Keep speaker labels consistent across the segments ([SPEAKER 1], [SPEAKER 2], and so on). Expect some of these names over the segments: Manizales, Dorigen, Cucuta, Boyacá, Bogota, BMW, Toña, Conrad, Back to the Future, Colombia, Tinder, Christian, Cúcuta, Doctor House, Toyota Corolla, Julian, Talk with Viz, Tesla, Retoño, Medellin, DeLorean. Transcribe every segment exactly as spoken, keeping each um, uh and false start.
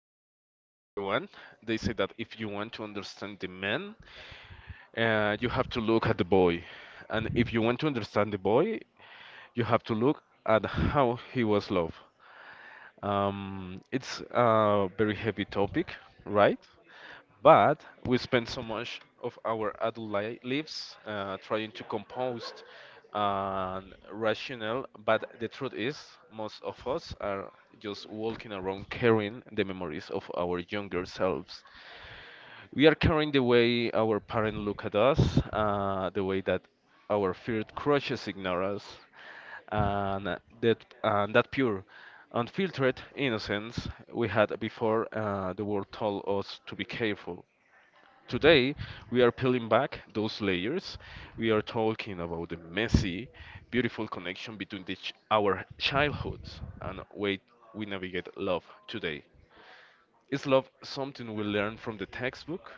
[SPEAKER 1] show, everyone. They say that if you want to understand the man, uh, you have to look at the boy. And if you want to understand the boy, you have to look at how he was loved. Um, it's a very heavy topic, right? But we spend so much of our adult li- lives uh, trying to compose and rational, but the truth is, most of us are just walking around carrying the memories of our younger selves. We are carrying the way our parents look at us, uh, the way that our feared crushes ignore us, and that and that pure, unfiltered innocence we had before uh, the world told us to be careful. Today, we are peeling back those layers. We are talking about the messy, beautiful connection between the ch- our childhoods and way we navigate love today. Is love something we learn from the textbook,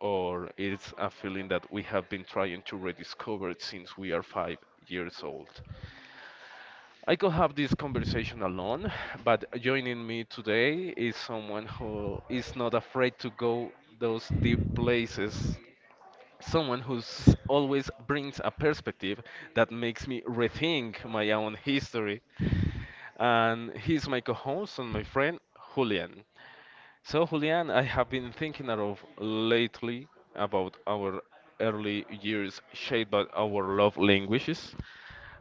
[SPEAKER 1] or it's a feeling that we have been trying to rediscover since we are five years old? I could have this conversation alone, but joining me today is someone who is not afraid to go those deep places. Someone who's always brings a perspective that makes me rethink my own history. And he's my co-host and my friend Julian. So Julian, I have been thinking a lot lately about our early years shaped by our love languages.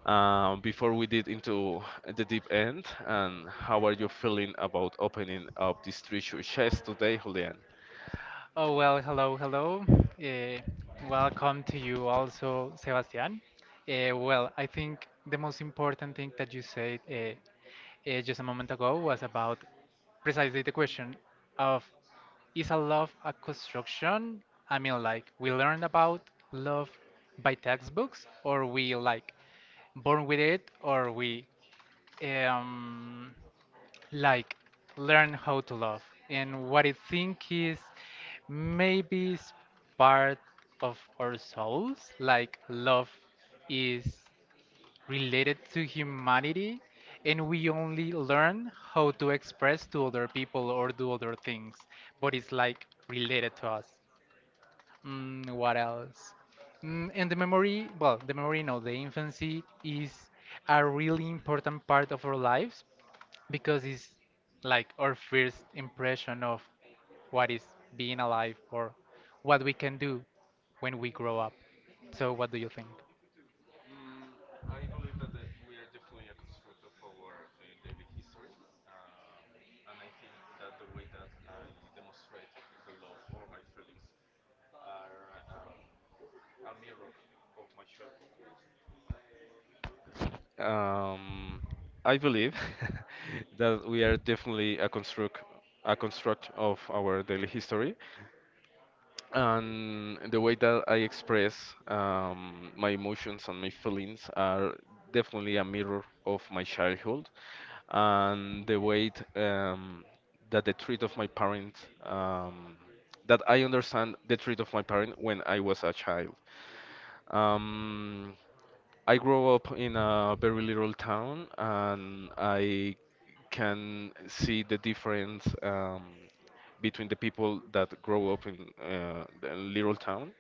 [SPEAKER 1] Uh, before we did into the deep end, and how are you feeling about opening up this treasure chest today, Julian?
[SPEAKER 2] Oh, well, hello, hello. Uh, Welcome to you also, Sebastian. Uh, well, I think the most important thing that you said uh, uh, just a moment ago was about precisely the question of is a love a construction? I mean, like, we learn about love by textbooks, or we like born with it, or we um, like learn how to love, and what I think is maybe it's part of our souls, like love is related to humanity, and we only learn how to express to other people or do other things, but it's like related to us. Mm, what else? Mm, and the memory well the memory no The infancy is a really important part of our lives, because it's like our first impression of what is being alive or what we can do when we grow up. So what do you think?
[SPEAKER 1] Um, I believe that we are definitely a construct a construct of our daily history, and the way that I express um, my emotions and my feelings are definitely a mirror of my childhood, and the way um, that the treat of my parents, um, that I understand the treat of my parent when I was a child. Um, I grew up in a very little town, and I can see the difference um, between the people that grow up in uh, a little town,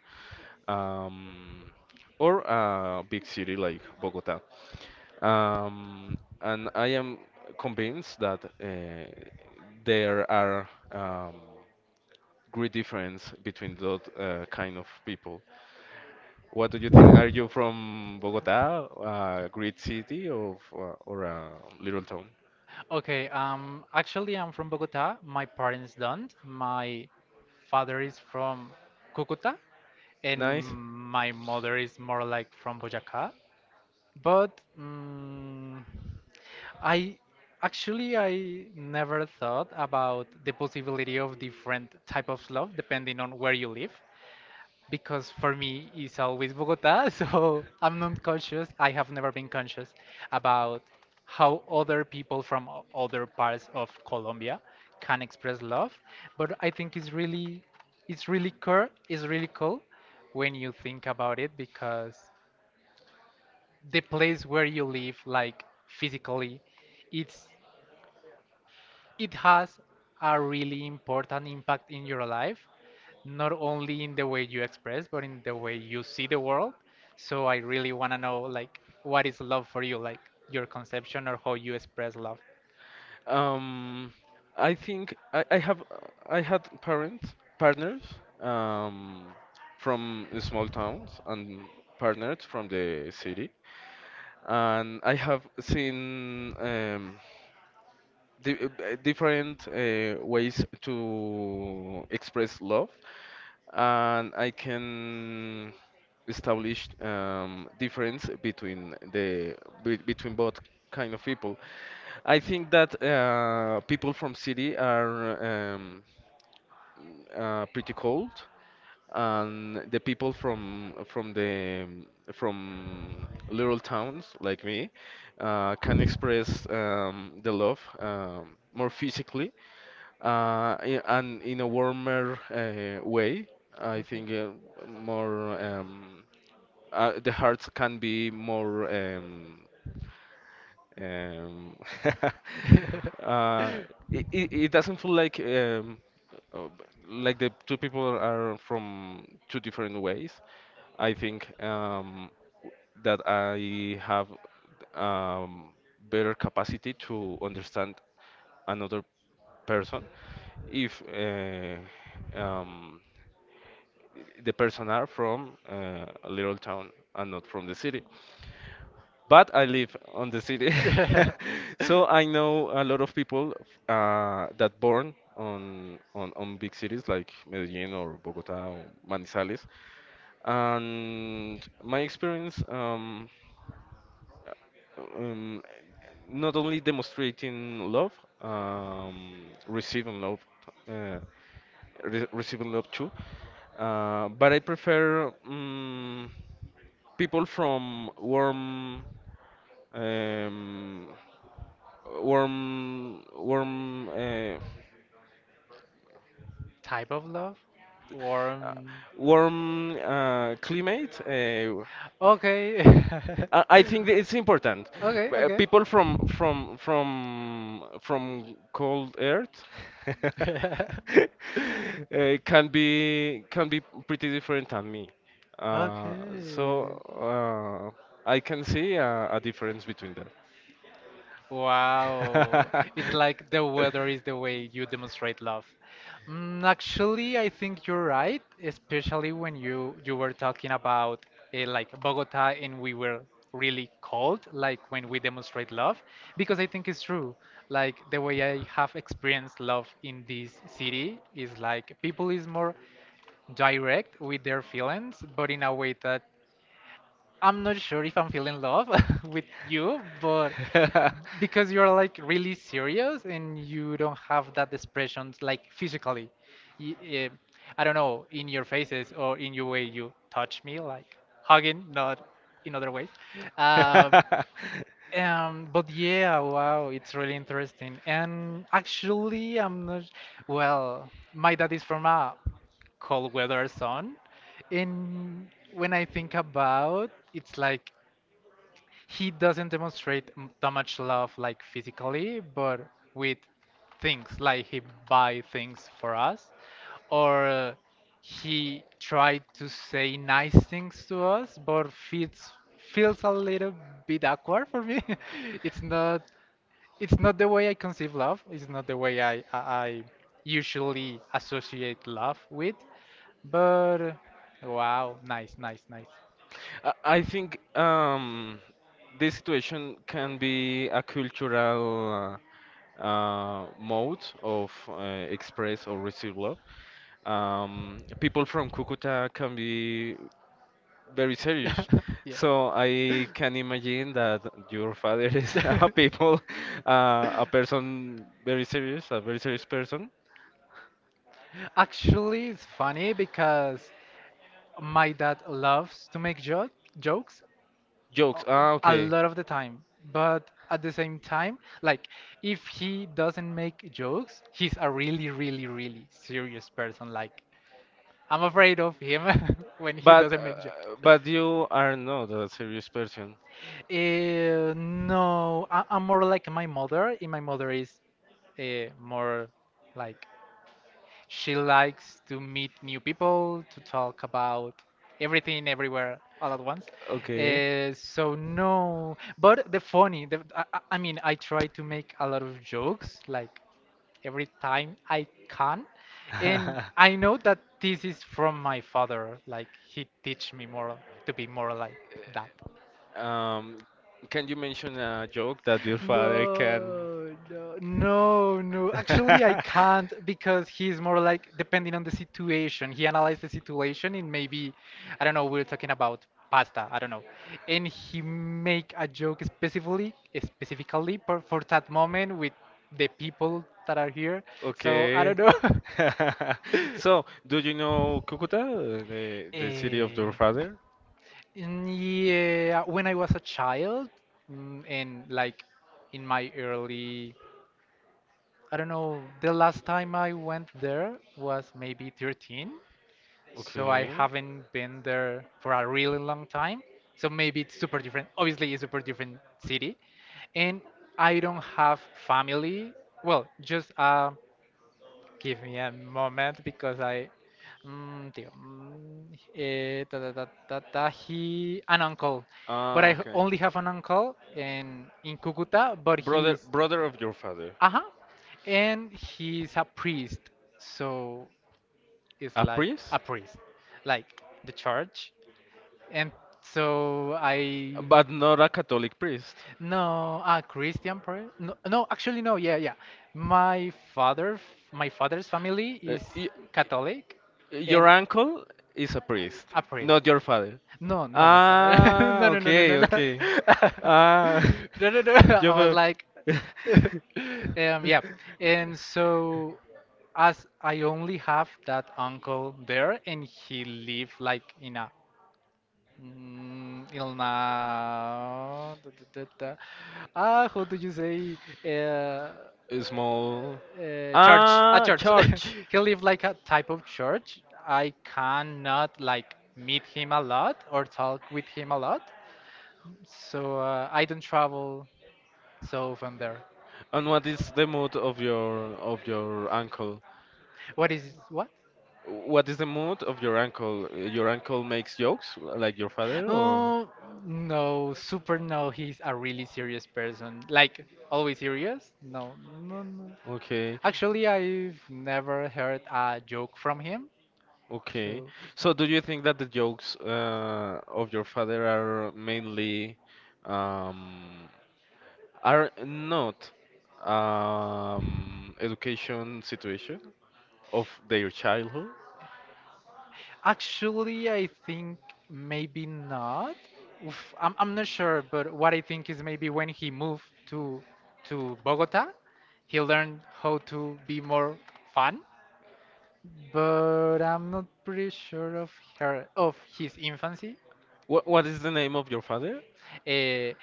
[SPEAKER 1] um, or a big city like Bogota. Um, and I am convinced that uh, there are, um, great difference between that uh, kind of people. What do you think? Are you from Bogota, a great city, or uh, or a little town?
[SPEAKER 2] Okay, um actually I'm from Bogota. My parents don't. My father is from Cucuta and
[SPEAKER 1] Nice.
[SPEAKER 2] my mother is more like from Boyacá. But mm, I actually I never thought about the possibility of different type of love depending on where you live, because for me it's always Bogota, so I'm not conscious. I have never been conscious about how other people from o- other parts of Colombia can express love, but I think it's really it's really cool, it's really cool when you think about it, because the place where you live, like physically, it's it has a really important impact in your life, not only in the way you express but in the way you see the world. So I really want to know, like, what is love for you, like your conception or how you express love?
[SPEAKER 1] Um, I think I, I have I had parents partners um, from small towns and partners from the city, and I have seen um, di uh, different uh, ways to express love, and I can establish um, difference between the be, between both kind of people. I think that uh, people from city are um, uh, pretty cold, and the people from from the from little towns like me uh, can express um, the love um, more physically, uh, i- and in a warmer uh, way. I think uh, more um, uh, the hearts can be more. Um, um,
[SPEAKER 2] Okay.
[SPEAKER 1] uh, it, it it doesn't feel like um, uh, like the two people are from two different ways. I think um, that I have, um, better capacity to understand another person if uh, um, the person are from uh, a little town and not from the city. But I live on the city, so I know a lot of people uh, that born on, on on big cities like Medellin or Bogota or Manizales. And my experience, um, um, not only demonstrating love, um, receiving love, uh, re receiving love too. Uh, but I prefer um, people from warm, um, warm, warm, uh,
[SPEAKER 2] Type of love or
[SPEAKER 1] uh,
[SPEAKER 2] um,
[SPEAKER 1] warm uh, climate. Uh,
[SPEAKER 2] okay.
[SPEAKER 1] I I think that it's important. Uh,
[SPEAKER 2] Okay,
[SPEAKER 1] People from from from from cold earth
[SPEAKER 2] okay.
[SPEAKER 1] uh, can be can be pretty different than me. Uh, so
[SPEAKER 2] Okay.
[SPEAKER 1] uh, I can see a, a difference between
[SPEAKER 2] Wow. It's like the weather is the way you demonstrate love. Mm, actually, I think you're
[SPEAKER 1] that.
[SPEAKER 2] right, especially when you you were talking about uh, like Bogota, and we were really cold, like when we demonstrate love, because I think it's true. Like, the way I have experienced love in this city is like people is more direct with their feelings, but in a way that I'm not sure if I'm feeling love with you, but because you're like really serious and you don't have that expressions like physically. Y- eh, I don't know, in your faces or in your way you touch me, like hugging, not in other ways. Um, um, but yeah, wow, it's really interesting. And actually, I'm not. Well, my dad is from a cold weather zone, and when I think about, it's like he doesn't demonstrate m- that much love like physically, but with things like he buy things for us, or uh, he tried to say nice things to us, but feels feels a little bit awkward for me. it's not it's not the way I conceive love, it's not the way i i, I usually associate love with, but uh, wow, nice, nice, nice.
[SPEAKER 1] I I think um, this situation can be a cultural uh, uh, mode of uh, express or receive love. Um, people from Cucuta can be very serious,
[SPEAKER 2] Yeah.
[SPEAKER 1] so I can imagine that your father is a people, uh, a person very serious, a very serious person.
[SPEAKER 2] Actually, it's funny because my dad loves to make jo- jokes
[SPEAKER 1] Jokes.
[SPEAKER 2] o-
[SPEAKER 1] Ah,
[SPEAKER 2] a
[SPEAKER 1] okay.
[SPEAKER 2] lot of the time. But at the same time, like, if he doesn't make jokes, he's a really, really, really serious person. Like, I'm afraid of him when he
[SPEAKER 1] But
[SPEAKER 2] doesn't make jokes.
[SPEAKER 1] uh, but you are not a serious person.
[SPEAKER 2] Uh, no, I, I'm more like my mother, and my mother is uh, more like, she likes to meet new people, to talk about everything, everywhere, all at once.
[SPEAKER 1] Okay.
[SPEAKER 2] Uh, so no, but the funny, the, I, I I mean, I try to make a lot of jokes, like every time I can, and I know that this is from my father. Like, he teach me more to be more like that.
[SPEAKER 1] Um, can you mention a joke that your father can?
[SPEAKER 2] No, no, no, no. Actually, I can't because he's more like depending on the situation. He analyzed the situation in maybe, I don't know, we're talking about pasta, I don't know. And he make a joke specifically, specifically for, for that moment with the people that are here. So I, okay,
[SPEAKER 1] Okay.
[SPEAKER 2] don't know.
[SPEAKER 1] So, do you know Cucuta, the the city of your
[SPEAKER 2] Eh,
[SPEAKER 1] father?
[SPEAKER 2] Mm, Yeah, when I was a child, mm, and like in my early, I don't know, the last time I went there was maybe thirteen, so I
[SPEAKER 1] Okay.
[SPEAKER 2] haven't been there for a really long time. So maybe it's super different. Obviously, it's super different city, and I don't have family. Well, just a, give me a moment because I. Mm, tío. Mm, eh, ta, ta, ta, ta, ta, he. An uncle. But I
[SPEAKER 1] Ah,
[SPEAKER 2] h-
[SPEAKER 1] okay.
[SPEAKER 2] only have an uncle in, in Cucuta, but
[SPEAKER 1] Brother,
[SPEAKER 2] he's.
[SPEAKER 1] brother of your father,
[SPEAKER 2] Uh huh. And he's a priest. So it's
[SPEAKER 1] a
[SPEAKER 2] like a
[SPEAKER 1] priest,
[SPEAKER 2] priest. Like the church. And so I.
[SPEAKER 1] but not a Catholic priest.
[SPEAKER 2] No, a Christian prayer? No, no, actually no. Yeah, yeah. My father, my father's family
[SPEAKER 1] Uh,
[SPEAKER 2] is
[SPEAKER 1] i-
[SPEAKER 2] Catholic, and
[SPEAKER 1] Your uncle is a priest,
[SPEAKER 2] a priest.
[SPEAKER 1] not your father.
[SPEAKER 2] No, no, my father.
[SPEAKER 1] Ah,
[SPEAKER 2] no, no, no, no, no,
[SPEAKER 1] okay,
[SPEAKER 2] no.
[SPEAKER 1] okay. Ah,
[SPEAKER 2] no, no, no.
[SPEAKER 1] yo
[SPEAKER 2] I was
[SPEAKER 1] veo.
[SPEAKER 2] like, um, yeah. And so, as I only have that uncle there, and he lived like in a Mm, Ilma. Da, da, da, da. Ah, how do you say? Uh,
[SPEAKER 1] A small.
[SPEAKER 2] uh, church. A
[SPEAKER 1] Ah,
[SPEAKER 2] church.
[SPEAKER 1] church.
[SPEAKER 2] He live like a type of church. I cannot like meet him a lot or talk with him a lot. So uh, I don't travel so often there.
[SPEAKER 1] And what is the mood of your of your uncle?
[SPEAKER 2] What is what?
[SPEAKER 1] What is the mood of your uncle? Your uncle makes jokes like your father, or
[SPEAKER 2] Oh, no, super no. He's a really serious person. Like, always serious? No, no, no.
[SPEAKER 1] okay.
[SPEAKER 2] Actually, I've never heard a joke from him.
[SPEAKER 1] Okay.
[SPEAKER 2] So,
[SPEAKER 1] So do you think that the jokes uh, of your father are mainly, um, are not, um, education situation of their childhood?
[SPEAKER 2] actually, I think maybe not. Oof, I'm, I'm not sure, but what I think is maybe when he moved to to Bogota, he learned how to be more fun, but I'm not pretty sure of her of his infancy.
[SPEAKER 1] What what is the name of your father?
[SPEAKER 2] Uh,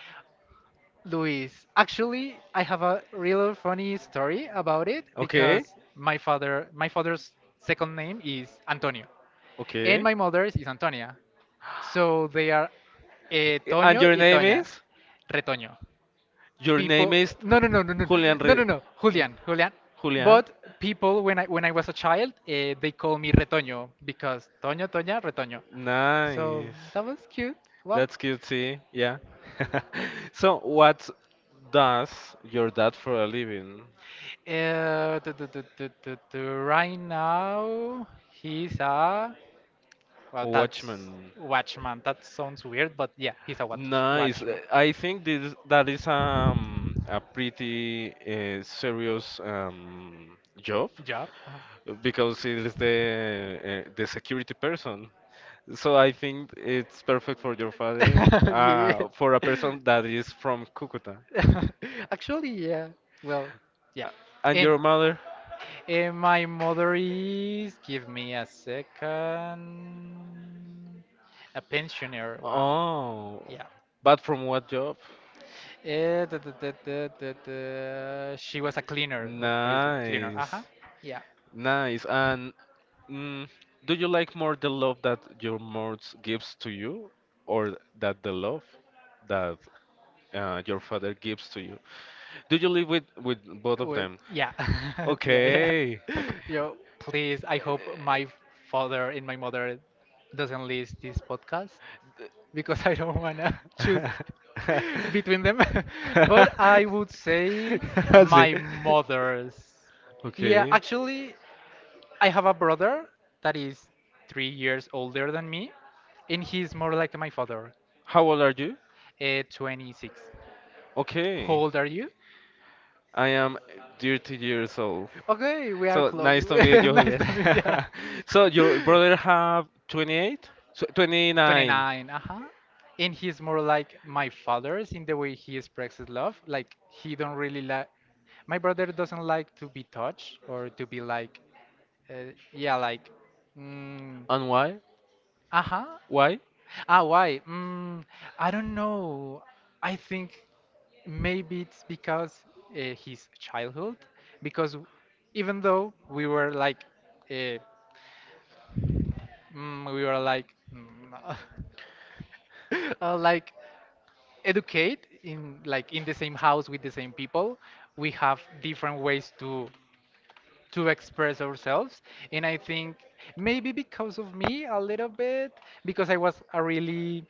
[SPEAKER 2] Luis, actually, I have a real funny story about it, okay,
[SPEAKER 1] Okay.
[SPEAKER 2] because my father, my father's second name is Antonio, and
[SPEAKER 1] Okay.
[SPEAKER 2] my mother's is Antonia,
[SPEAKER 1] I-
[SPEAKER 2] so they are uh, Ah,
[SPEAKER 1] And
[SPEAKER 2] Toño
[SPEAKER 1] your
[SPEAKER 2] y
[SPEAKER 1] name
[SPEAKER 2] Toña,
[SPEAKER 1] is?
[SPEAKER 2] is Retoño.
[SPEAKER 1] Your
[SPEAKER 2] People,
[SPEAKER 1] name is
[SPEAKER 2] no, no, no, no, no,
[SPEAKER 1] Julian
[SPEAKER 2] Julian. No,
[SPEAKER 1] Re
[SPEAKER 2] no, no, Julian, Julian, Julian.
[SPEAKER 1] Julian.
[SPEAKER 2] But people, when I when I was a child, eh, they call me Retoño because Toño Toña Retoño, so
[SPEAKER 1] Nice.
[SPEAKER 2] that was cute, well.
[SPEAKER 1] That's cutesy, yeah. So, what does your dad for a living?
[SPEAKER 2] your uh, du- du- du- du- du- du, right now he's a, well, that's
[SPEAKER 1] Watchman.
[SPEAKER 2] watchman, that sounds weird, but yeah, he's a watch
[SPEAKER 1] Nice. Uh,
[SPEAKER 2] watchman
[SPEAKER 1] I think this that is um a pretty uh, serious um job
[SPEAKER 2] yeah. Uh-huh.
[SPEAKER 1] uh, because it is the uh, the security person. So I think it's perfect for your father,
[SPEAKER 2] Yeah.
[SPEAKER 1] uh, for a person that is from Cúcuta.
[SPEAKER 2] Actually, yeah. Well, yeah.
[SPEAKER 1] Uh, And
[SPEAKER 2] And
[SPEAKER 1] your mother?
[SPEAKER 2] and my mother is, give me a second, a pensioner. Wow.
[SPEAKER 1] Oh,
[SPEAKER 2] Yeah.
[SPEAKER 1] but from what job?
[SPEAKER 2] Eh, da, da, da, da, da, da. She was a cleaner, o- obviously cleaner.
[SPEAKER 1] Nice,
[SPEAKER 2] Uh-huh. Yeah.
[SPEAKER 1] nice. And mm, do you like more the love that your mom gives to you, or that the love that uh, your father gives to you? Do you live with with both of
[SPEAKER 2] Well,
[SPEAKER 1] them?
[SPEAKER 2] yeah. Yeah, yeah.
[SPEAKER 1] Okay.
[SPEAKER 2] Yo, please, I hope my father and my mother doesn't list this podcast because I don't wanna choose between them. But I would say
[SPEAKER 1] Sí.
[SPEAKER 2] my mother's. Yeah,
[SPEAKER 1] Okay.
[SPEAKER 2] actually, I have a brother that is three years older than me, and he's more like my father.
[SPEAKER 1] How old are you?
[SPEAKER 2] Uh, twenty-six. How
[SPEAKER 1] Okay.
[SPEAKER 2] old are you?
[SPEAKER 1] I am thirty years old.
[SPEAKER 2] Okay, we are
[SPEAKER 1] So
[SPEAKER 2] close.
[SPEAKER 1] nice to meet you,
[SPEAKER 2] Nice
[SPEAKER 1] Julian.
[SPEAKER 2] to meet you.
[SPEAKER 1] So your brother have twenty-eight? So twenty-nine.
[SPEAKER 2] twenty-nine. Uh-huh, and he's more like my father's in the way he expresses love, like he don't really like, my brother doesn't like to be touched or to be like, uh, yeah, like, mm,
[SPEAKER 1] And why?
[SPEAKER 2] uh-huh.
[SPEAKER 1] Why?
[SPEAKER 2] Ah, why? mm, I don't know. I think maybe it's because uh, his childhood, because w- even though we were like uh, mm, we were like mm, uh, like educate, in like in the same house with the same people, we have different ways to to express ourselves, and I think maybe because of me a little bit, because I was a really,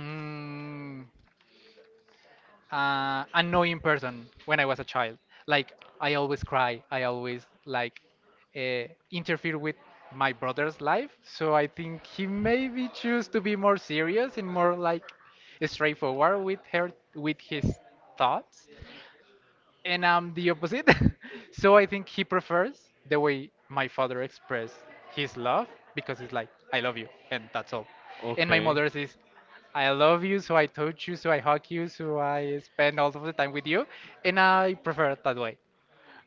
[SPEAKER 2] mm, uh, annoying person when I was a child. Like, I always cry. I always like uh, interfere with my brother's life. So I think he maybe choose to be more serious and more like straightforward with her with his thoughts, and I'm the opposite. So I think he prefers the way my father expressed his love, because it's like, I love you, and that's all. And my
[SPEAKER 1] Okay.
[SPEAKER 2] mother's is, I love you, so I touch you, so I hug you, so I spend all of the time with you, and I prefer it that way.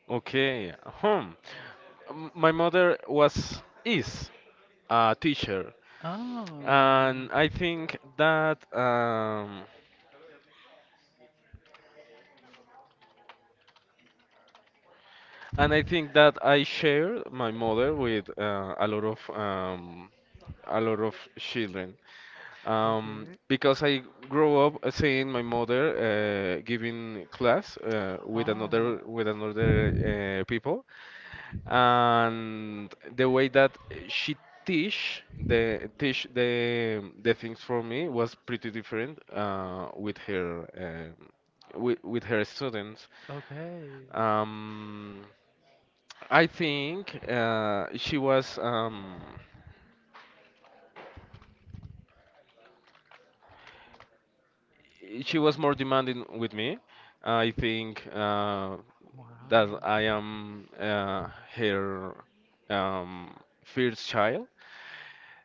[SPEAKER 1] Okay. Hmm. M- My mother was is a teacher,
[SPEAKER 2] Oh.
[SPEAKER 1] and I think that um, and I think that I share my mother with uh, a lot of um, a lot of children um,
[SPEAKER 2] Okay.
[SPEAKER 1] because I grew up uh, seeing my mother uh, giving class uh, with
[SPEAKER 2] Ah.
[SPEAKER 1] another with another uh, people, and the way that she teach the teach the the things for me was pretty different uh, with her um with, with her students.
[SPEAKER 2] Okay.
[SPEAKER 1] Um, I think uh, she was, um, she was more demanding with me. I think uh, that I am uh, her, um, first child.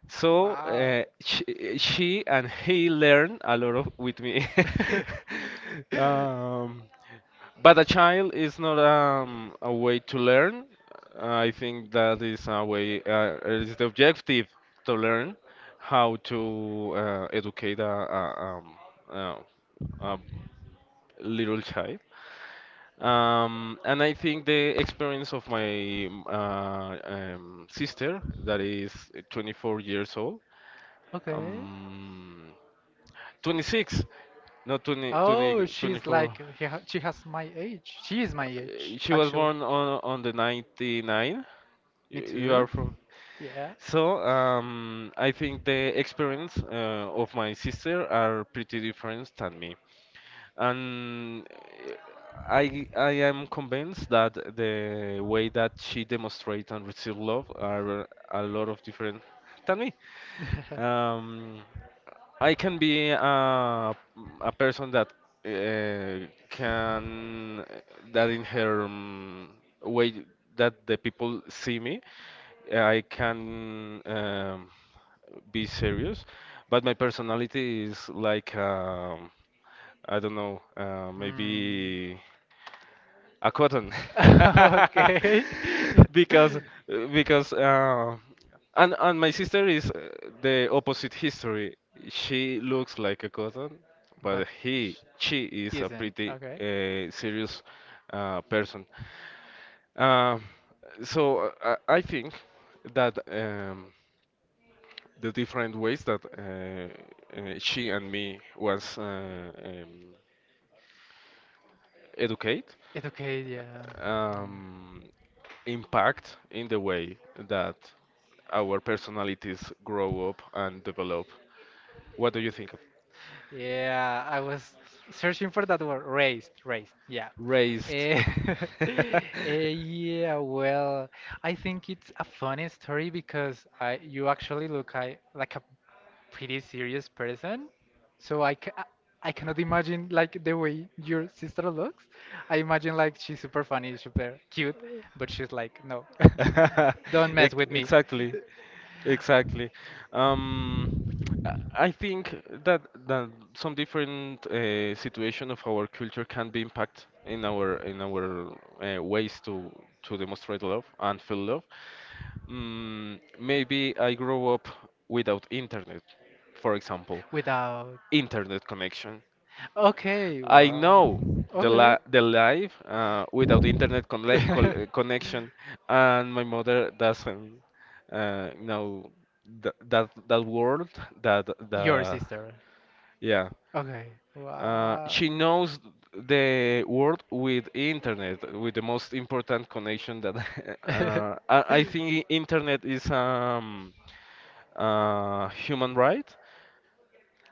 [SPEAKER 1] So
[SPEAKER 2] Wow.
[SPEAKER 1] uh, she, she and he learned a lot of with me. um, But a child is not um, a way to learn. I think that is a way, uh, is the objective to learn how to uh, educate a, a, um, uh, a little child. Um, and I think the experience of my uh, um, sister, that is twenty-four years old,
[SPEAKER 2] Okay.
[SPEAKER 1] um, twenty-six, not twenty,
[SPEAKER 2] Oh,
[SPEAKER 1] twenty,
[SPEAKER 2] she's
[SPEAKER 1] twenty-four.
[SPEAKER 2] like, he ha- she has my age. She is my age,
[SPEAKER 1] Uh, She was
[SPEAKER 2] actually.
[SPEAKER 1] born on on the ninety-nine.
[SPEAKER 2] Me
[SPEAKER 1] You, you
[SPEAKER 2] too.
[SPEAKER 1] are from.
[SPEAKER 2] Yeah.
[SPEAKER 1] So, um, I think the experience uh, of my sister are pretty different than me. And eh, I I am convinced that the way that she demonstrates and receives love are a lot of different than me. Um, I can be a a person that uh, can that in her, um, way that the people see me, eh, I can, um, be serious, but my personality is like. Um, I don't know, uh,
[SPEAKER 2] Hmm.
[SPEAKER 1] maybe a cotton,
[SPEAKER 2] Okay.
[SPEAKER 1] because because uh, and and my sister is uh, the opposite history. She looks like a cotton,
[SPEAKER 2] But
[SPEAKER 1] but he
[SPEAKER 2] sh-
[SPEAKER 1] she is a
[SPEAKER 2] isn't.
[SPEAKER 1] pretty
[SPEAKER 2] Okay.
[SPEAKER 1] uh, serious uh, person. Uh, so uh, I, I think that um, the different ways that uh, uh, she and me was uh, um, educate,
[SPEAKER 2] Educate, yeah. Mm.
[SPEAKER 1] um, impact in the way that our personalities grow up and develop. What do you think of
[SPEAKER 2] Yeah, I was searching for that word, raised, raised, yeah.
[SPEAKER 1] raised?
[SPEAKER 2] Eh, eh, yeah, well, I think it's a funny story because I you actually look, I, like, a pretty serious person. So I, ca- I cannot imagine like the way your sister looks. I imagine like she's super funny, super cute, but she's like, no, don't mess
[SPEAKER 1] Ex-
[SPEAKER 2] with me.
[SPEAKER 1] Exactly, exactly. Um, I I think that that some different uh, situation of our culture can be impact in our in our uh, ways to to demonstrate love and feel love. Mm, maybe I grew up without internet, for example,
[SPEAKER 2] Without.
[SPEAKER 1] internet connection.
[SPEAKER 2] Okay,
[SPEAKER 1] I
[SPEAKER 2] wow.
[SPEAKER 1] know the
[SPEAKER 2] Okay.
[SPEAKER 1] la the life uh, without internet conne col uh, connection, and my mother doesn't uh, know th that that word that the
[SPEAKER 2] Your sister.
[SPEAKER 1] yeah.
[SPEAKER 2] Okay.
[SPEAKER 1] Uh,
[SPEAKER 2] Wow.
[SPEAKER 1] she knows the world with internet, with the most important connection that uh, I, I think internet is um uh, human right.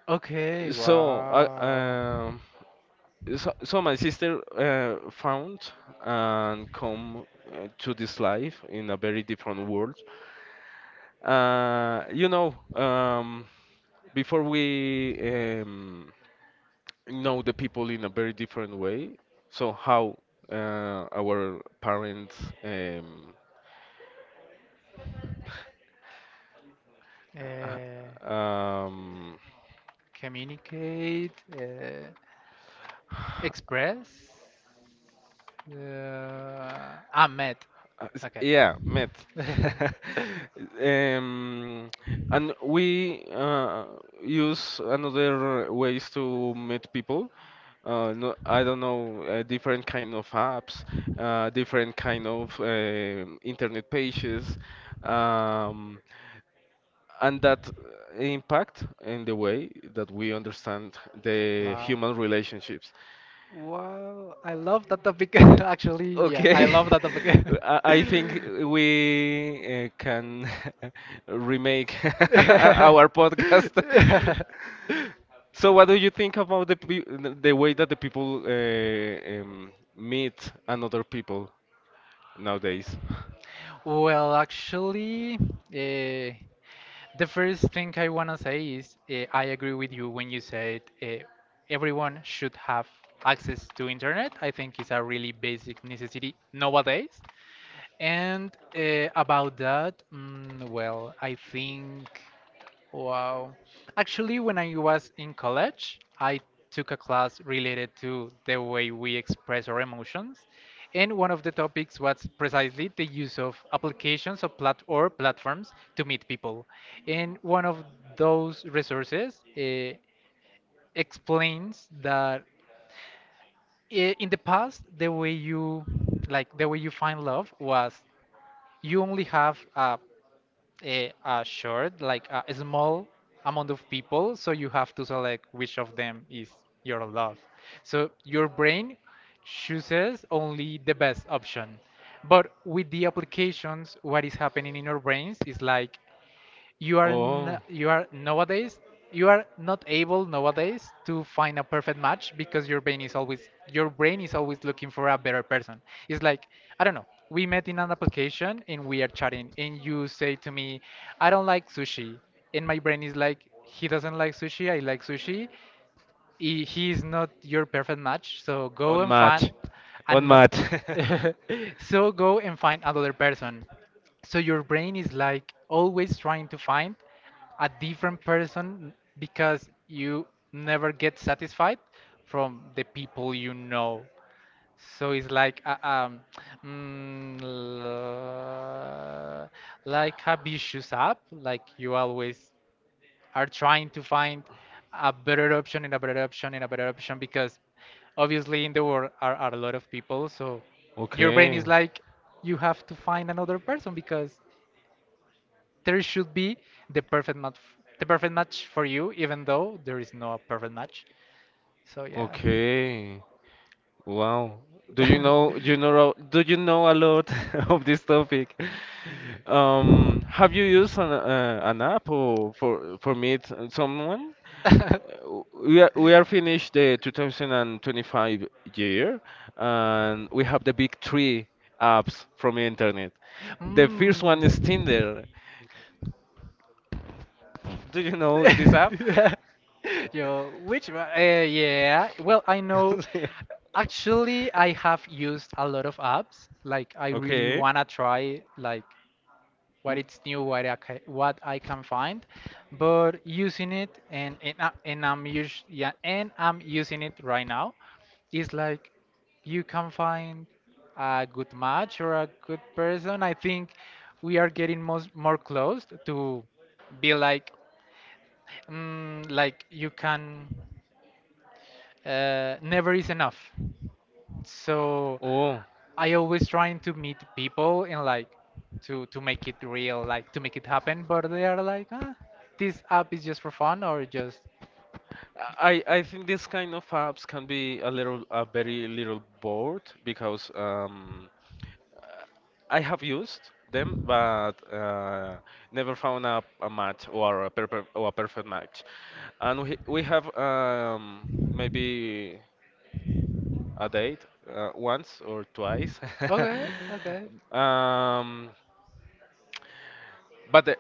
[SPEAKER 2] Okay,
[SPEAKER 1] So I
[SPEAKER 2] wow.
[SPEAKER 1] um so, so my sister uh, found and come uh, to this life in a very different world. Uh, you know, um, before we, um, know the people in a very different way, so how uh, our parents, um, h-
[SPEAKER 2] Uh,
[SPEAKER 1] um,
[SPEAKER 2] communicate, uh, express, uh, ah, met.
[SPEAKER 1] Uh, s-
[SPEAKER 2] Okay.
[SPEAKER 1] yeah, met. Um, and we uh, use another ways to meet people. Uh, no, I don't know, uh, different kind of apps, uh, different kind of um internet pages, um, and that impact in the way that we understand the
[SPEAKER 2] La.
[SPEAKER 1] human relationships.
[SPEAKER 2] Wow, I love that topic. Actually, yeah, I
[SPEAKER 1] Okay,
[SPEAKER 2] love that topic.
[SPEAKER 1] I I think we uh, can remake our podcast. So, what do you think about the pe the way that the people uh, um, meet another people nowadays?
[SPEAKER 2] Well, actually, uh, the first thing I want to say is uh, I agree with you when you said uh, everyone should have access to internet. I think it's a really basic necessity nowadays. And uh, about that, mm, well, I think, wow. Actually, when I was in college, I took a class related to the way we express our emotions. And one of the topics was precisely the use of applications or, plat- or platforms to meet people. And one of those resources uh, explains that i- in the past, the way you like the way you find love was you only have a a, a short, like a small amount of people, so you have to select which of them is your love. So your brain chooses only the best option. But with the applications, what is happening in our brains is like you are n- you are nowadays you are not able nowadays to find a perfect match because your brain is always your brain is always looking for a better person. It's like I don't know. We
[SPEAKER 1] Oh,
[SPEAKER 2] met in an application and we are chatting, and you say to me, "I don't like sushi," and my brain is like, "He doesn't like sushi. I like sushi." he, he is not your perfect match, so go
[SPEAKER 1] On
[SPEAKER 2] and find
[SPEAKER 1] match. On
[SPEAKER 2] and no-
[SPEAKER 1] match.
[SPEAKER 2] So go and find another person, so your brain is like always trying to find a different person because you never get satisfied from the people you know. So it's like uh, um mm, l- like habituous app, like you always are trying to find a better option and a better option and a better option because obviously in the world are, are a lot of people. So your brain
[SPEAKER 1] Okay.
[SPEAKER 2] is like, you have to find another person because there should be the perfect match, the perfect match for you, even though there is no perfect match. So yeah.
[SPEAKER 1] Okay. Wow. Do you know you know do you know a lot of this topic? Um, have you used an uh, an app or for for meet someone? Uh, We are, we are finished the two thousand twenty-five year, and we have the big three apps from internet.
[SPEAKER 2] Mm.
[SPEAKER 1] The first one is Tinder. Do you know this app?
[SPEAKER 2] Yo, which one? Uh, yeah. Well, I know. Actually, I have used a lot of apps. Like, I really
[SPEAKER 1] Okay.
[SPEAKER 2] wanna try like what
[SPEAKER 1] Mm.
[SPEAKER 2] it's new, what I ca what I can find. But using it and and, I- and I'm us yeah, and I'm using it right now. It's like you can find a good match or a good person. I think we are getting most more close to be like mm, like you can uh, never is enough, so
[SPEAKER 1] Oh.
[SPEAKER 2] I always trying to meet people and like to to make it real, like to make it happen, but they are like ah, this app is just for fun or just
[SPEAKER 1] I I think this kind of apps can be a little a very little bored, because um, uh, I have used them, but uh, never found a, a match or a, perpe or a perfect match. And we, we have um, maybe a date uh, once or twice.
[SPEAKER 2] okay okay
[SPEAKER 1] um, but the,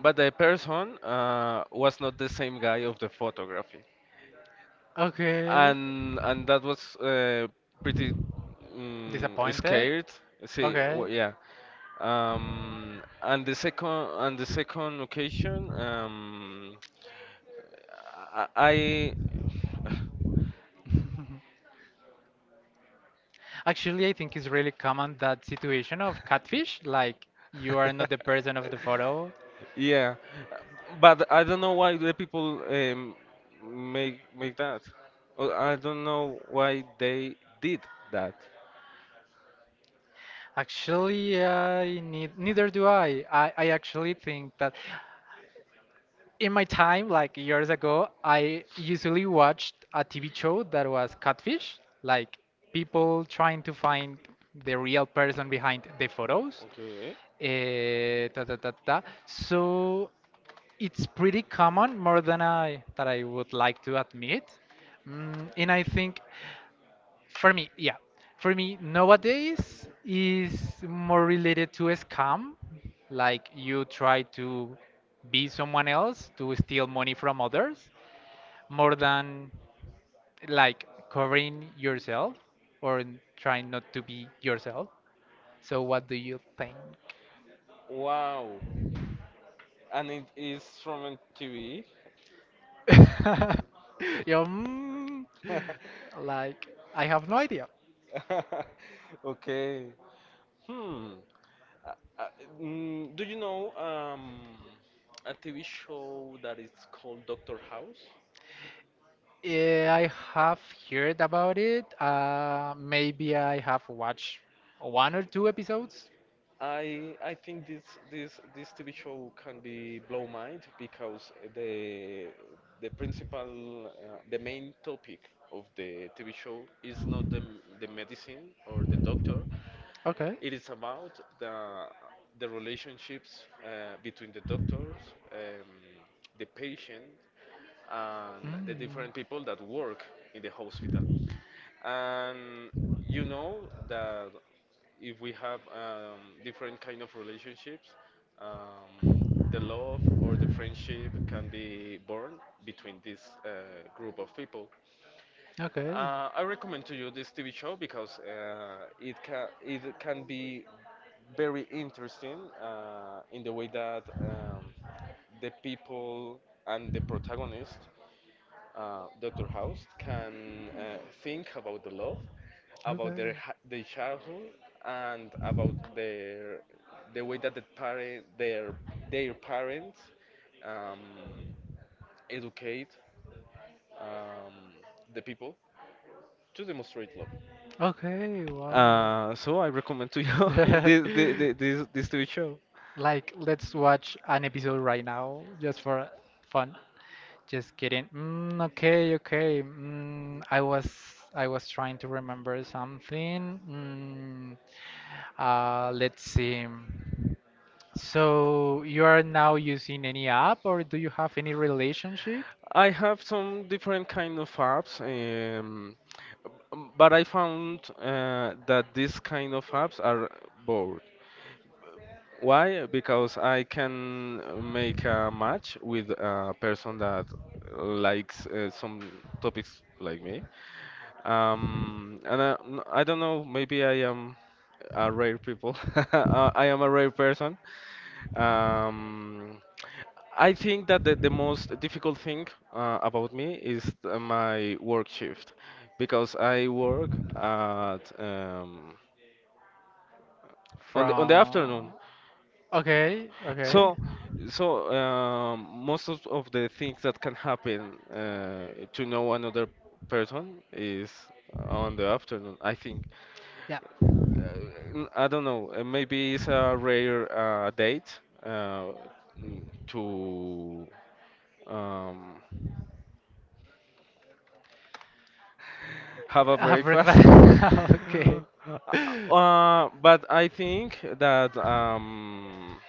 [SPEAKER 1] but the person uh, was not the same guy of the photography.
[SPEAKER 2] okay
[SPEAKER 1] and and that was uh, pretty mm,
[SPEAKER 2] disappointed
[SPEAKER 1] scared. See,
[SPEAKER 2] okay.
[SPEAKER 1] w Yeah. Um, and the second and the second occasion, um, I. I-
[SPEAKER 2] Actually, I think it's really common that situation of catfish, like you are not the person of the photo.
[SPEAKER 1] Yeah, but I don't know why the people um, make make that. Or I don't know why they did that.
[SPEAKER 2] Actually, I need, neither do I. I. I actually think that in my time, like years ago, I usually watched a T V show that was catfish, like people trying to find the real person behind the photos.
[SPEAKER 1] Okay.
[SPEAKER 2] Eh, ta, ta, ta, ta. So it's pretty common more than I that I would like to admit. Mm, and I think for me, yeah, for me nowadays is more related to a scam, like you try to be someone else to steal money from others, more than like covering yourself or n- trying not to be yourself. So what do you think?
[SPEAKER 1] Wow. And it is from a T V.
[SPEAKER 2] Yeah, mm, like I have no idea.
[SPEAKER 1] Okay. Hmm. Uh, uh, mm, do you know um a T V show that is called Doctor House?
[SPEAKER 2] Eh, I have heard about it. Uh, maybe I have watched one or two episodes.
[SPEAKER 1] I I think this this this T V show can be blow mind, because the the principal uh, the main topic of the T V show is not the the medicine or the doctor. It is about the the relationships uh, between the doctors, um, the patient, and the different people that work in the hospital. And you know that if we have um, different kind of relationships, um, the love or the friendship can be born between this uh, group of people.
[SPEAKER 2] Okay. Mm. Okay.
[SPEAKER 1] Uh, I recommend to you this T V show, because uh, it can it can be very interesting uh, in the way that um, the people and the protagonist, uh, Doctor House, can uh, think about the love, about their ha- their childhood, and about their the way that the parent their their parents um, educate um, the people to demonstrate love. Uh, so I recommend to you this, this, this, this T V show.
[SPEAKER 2] Like, let's watch an episode right now just for fun. Just kidding. Mm, okay, okay. Mm, I was I was trying to remember something. Mm, uh, let's see. So you are now using any app, or do you have any relationship
[SPEAKER 1] I have some different kind of apps, um, b- but I found uh, that these kind of apps are bored. Why? Because I can make a match with a person that likes uh, some topics like me. Um, and I, n- I don't know, maybe I am a rare people. Uh, I am a rare person. Um, I think that the, the most difficult thing uh, about me is uh, my work shift, because I work at um, on the on the afternoon.
[SPEAKER 2] from? Okay, okay.
[SPEAKER 1] So, so um, most of, of the things that can happen uh, to know another person is on the afternoon, I think.
[SPEAKER 2] Yeah.
[SPEAKER 1] Uh, n- I don't know. uh, Maybe it's a rare uh, date uh, mm, to um, have a
[SPEAKER 2] Uh,
[SPEAKER 1] breakfast.
[SPEAKER 2] breakfast. Okay.
[SPEAKER 1] Uh, but I think that um,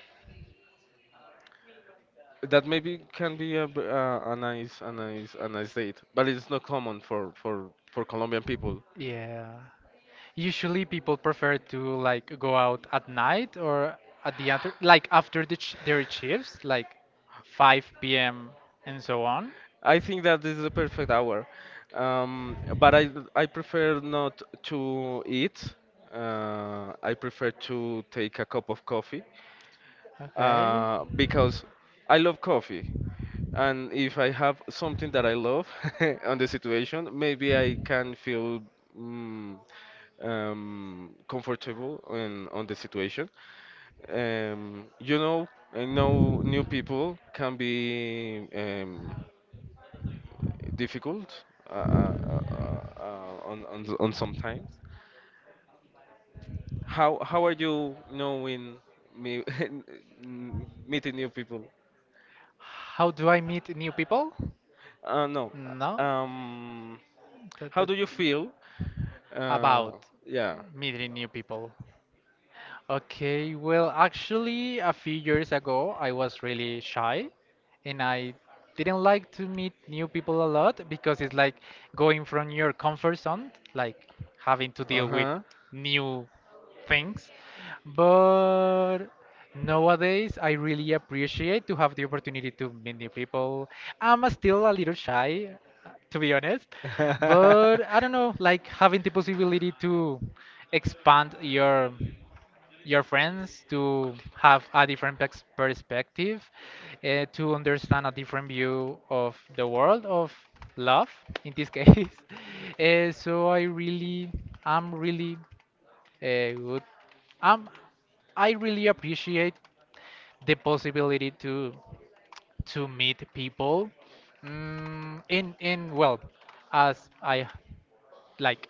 [SPEAKER 1] That maybe can be a, b- uh, a nice, a nice, a nice date, but it's not common for for for Colombian people.
[SPEAKER 2] Yeah. Usually people prefer to like go out at night or at the after like after the sh their shifts, like five p m and so on.
[SPEAKER 1] I think that this is the perfect hour, um, but I I prefer not to eat. Uh, I prefer to take a cup of coffee,
[SPEAKER 2] Okay.
[SPEAKER 1] uh, because I love coffee, and if I have something that I love on the situation, maybe I can feel Mm, um, comfortable in on the situation. Um, you know, I know new people can be um, difficult uh, uh, uh, uh, on, on on sometimes. How how are you knowing me meeting new people?
[SPEAKER 2] How do I meet new people?
[SPEAKER 1] Uh, no.
[SPEAKER 2] No.
[SPEAKER 1] Um,
[SPEAKER 2] That-
[SPEAKER 1] how
[SPEAKER 2] that-
[SPEAKER 1] do you feel? Uh,
[SPEAKER 2] About
[SPEAKER 1] yeah.
[SPEAKER 2] meeting new people. Okay, well, actually, a few years ago, I was really shy and I didn't like to meet new people a lot because it's like going from your comfort zone, like having to deal with
[SPEAKER 1] Uh
[SPEAKER 2] new things. But nowadays, I really appreciate to have the opportunity to meet new people. I'm still a little shy, to be honest,
[SPEAKER 1] huh.
[SPEAKER 2] but I don't know, like having the possibility to expand your your friends to have a different pex- perspective, uh, to understand a different view of the world of love in this case. Uh, so I really, I'm really uh, good. I'm, I really appreciate the possibility to to meet people. Mm, in in well, as I like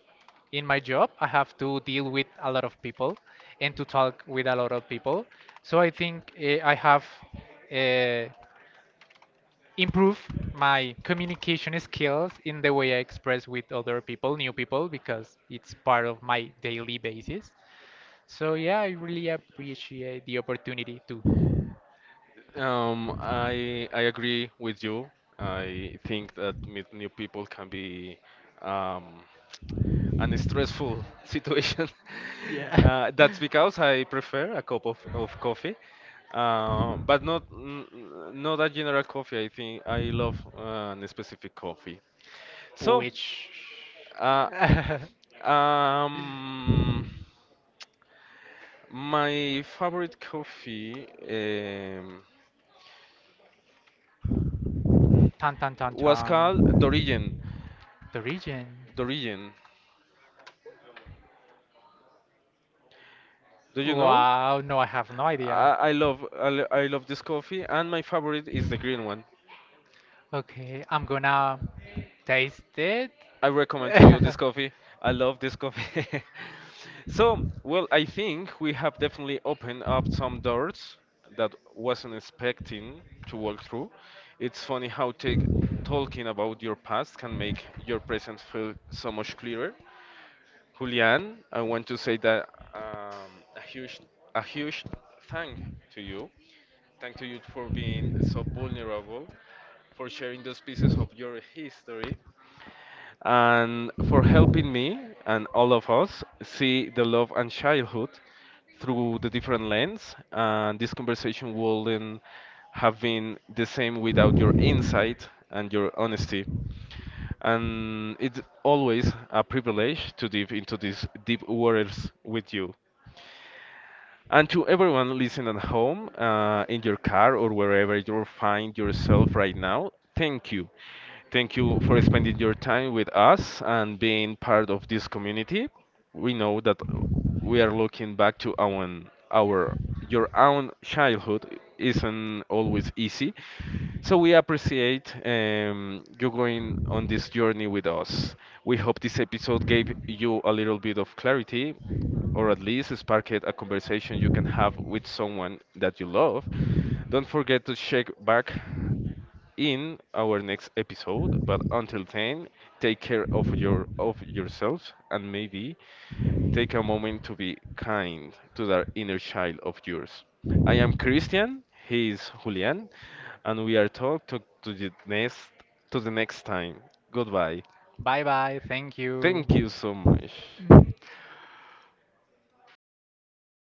[SPEAKER 2] in my job I have to deal with a lot of people and to talk with a lot of people, so I think uh, I have uh, improved my communication skills in the way I express with other people, new people, because it's part of my daily basis. So yeah, I really appreciate the opportunity to
[SPEAKER 1] Um, I I agree with you. I think that meet new people can be um, an stressful situation.
[SPEAKER 2] yeah.
[SPEAKER 1] Uh, that's because I prefer a cup of, of coffee, uh, but not n- n- not a general coffee. I think I love uh, a specific coffee. So,
[SPEAKER 2] Which?
[SPEAKER 1] uh, um, my favorite coffee um,
[SPEAKER 2] Tan tan tan
[SPEAKER 1] was
[SPEAKER 2] tan.
[SPEAKER 1] called Dorigen.
[SPEAKER 2] The region?
[SPEAKER 1] Dorigen. Do you know?
[SPEAKER 2] Wow, no, I have no
[SPEAKER 1] I,
[SPEAKER 2] idea.
[SPEAKER 1] I love I, lo- I love this coffee, and my favorite is the green one.
[SPEAKER 2] Okay, I'm gonna taste it.
[SPEAKER 1] I recommend to you this coffee. I love this coffee. So, well, I think we have definitely opened up some doors that wasn't expecting to walk through. It's funny how take, talking about your past can make your present feel so much clearer. Julian, I want to say that um, a huge, a huge thank to you. Thank to you for being so vulnerable, for sharing those pieces of your history, and for helping me and all of us see the love and childhood through the different lens. And this conversation wouldn't have been the same without your insight and your honesty. And it's always a privilege to dive into these deep waters with you. And to everyone listening at home, uh, in your car or wherever you find yourself right now, thank you. Thank you for spending your time with us and being part of this community. We know that we are looking back to our, our your own childhood isn't always easy, so we appreciate um, you going on this journey with us. We hope this episode gave you a little bit of clarity, or at least sparked a conversation you can have with someone that you love. Don't forget to check back in our next episode. But until then, take care of your of yourselves, and maybe take a moment to be kind to that inner child of yours. I am Christian. He is Julian, and we are talked to, to the next to the next time. Goodbye.
[SPEAKER 2] Bye bye, thank
[SPEAKER 1] Thank
[SPEAKER 2] you.
[SPEAKER 1] you so much.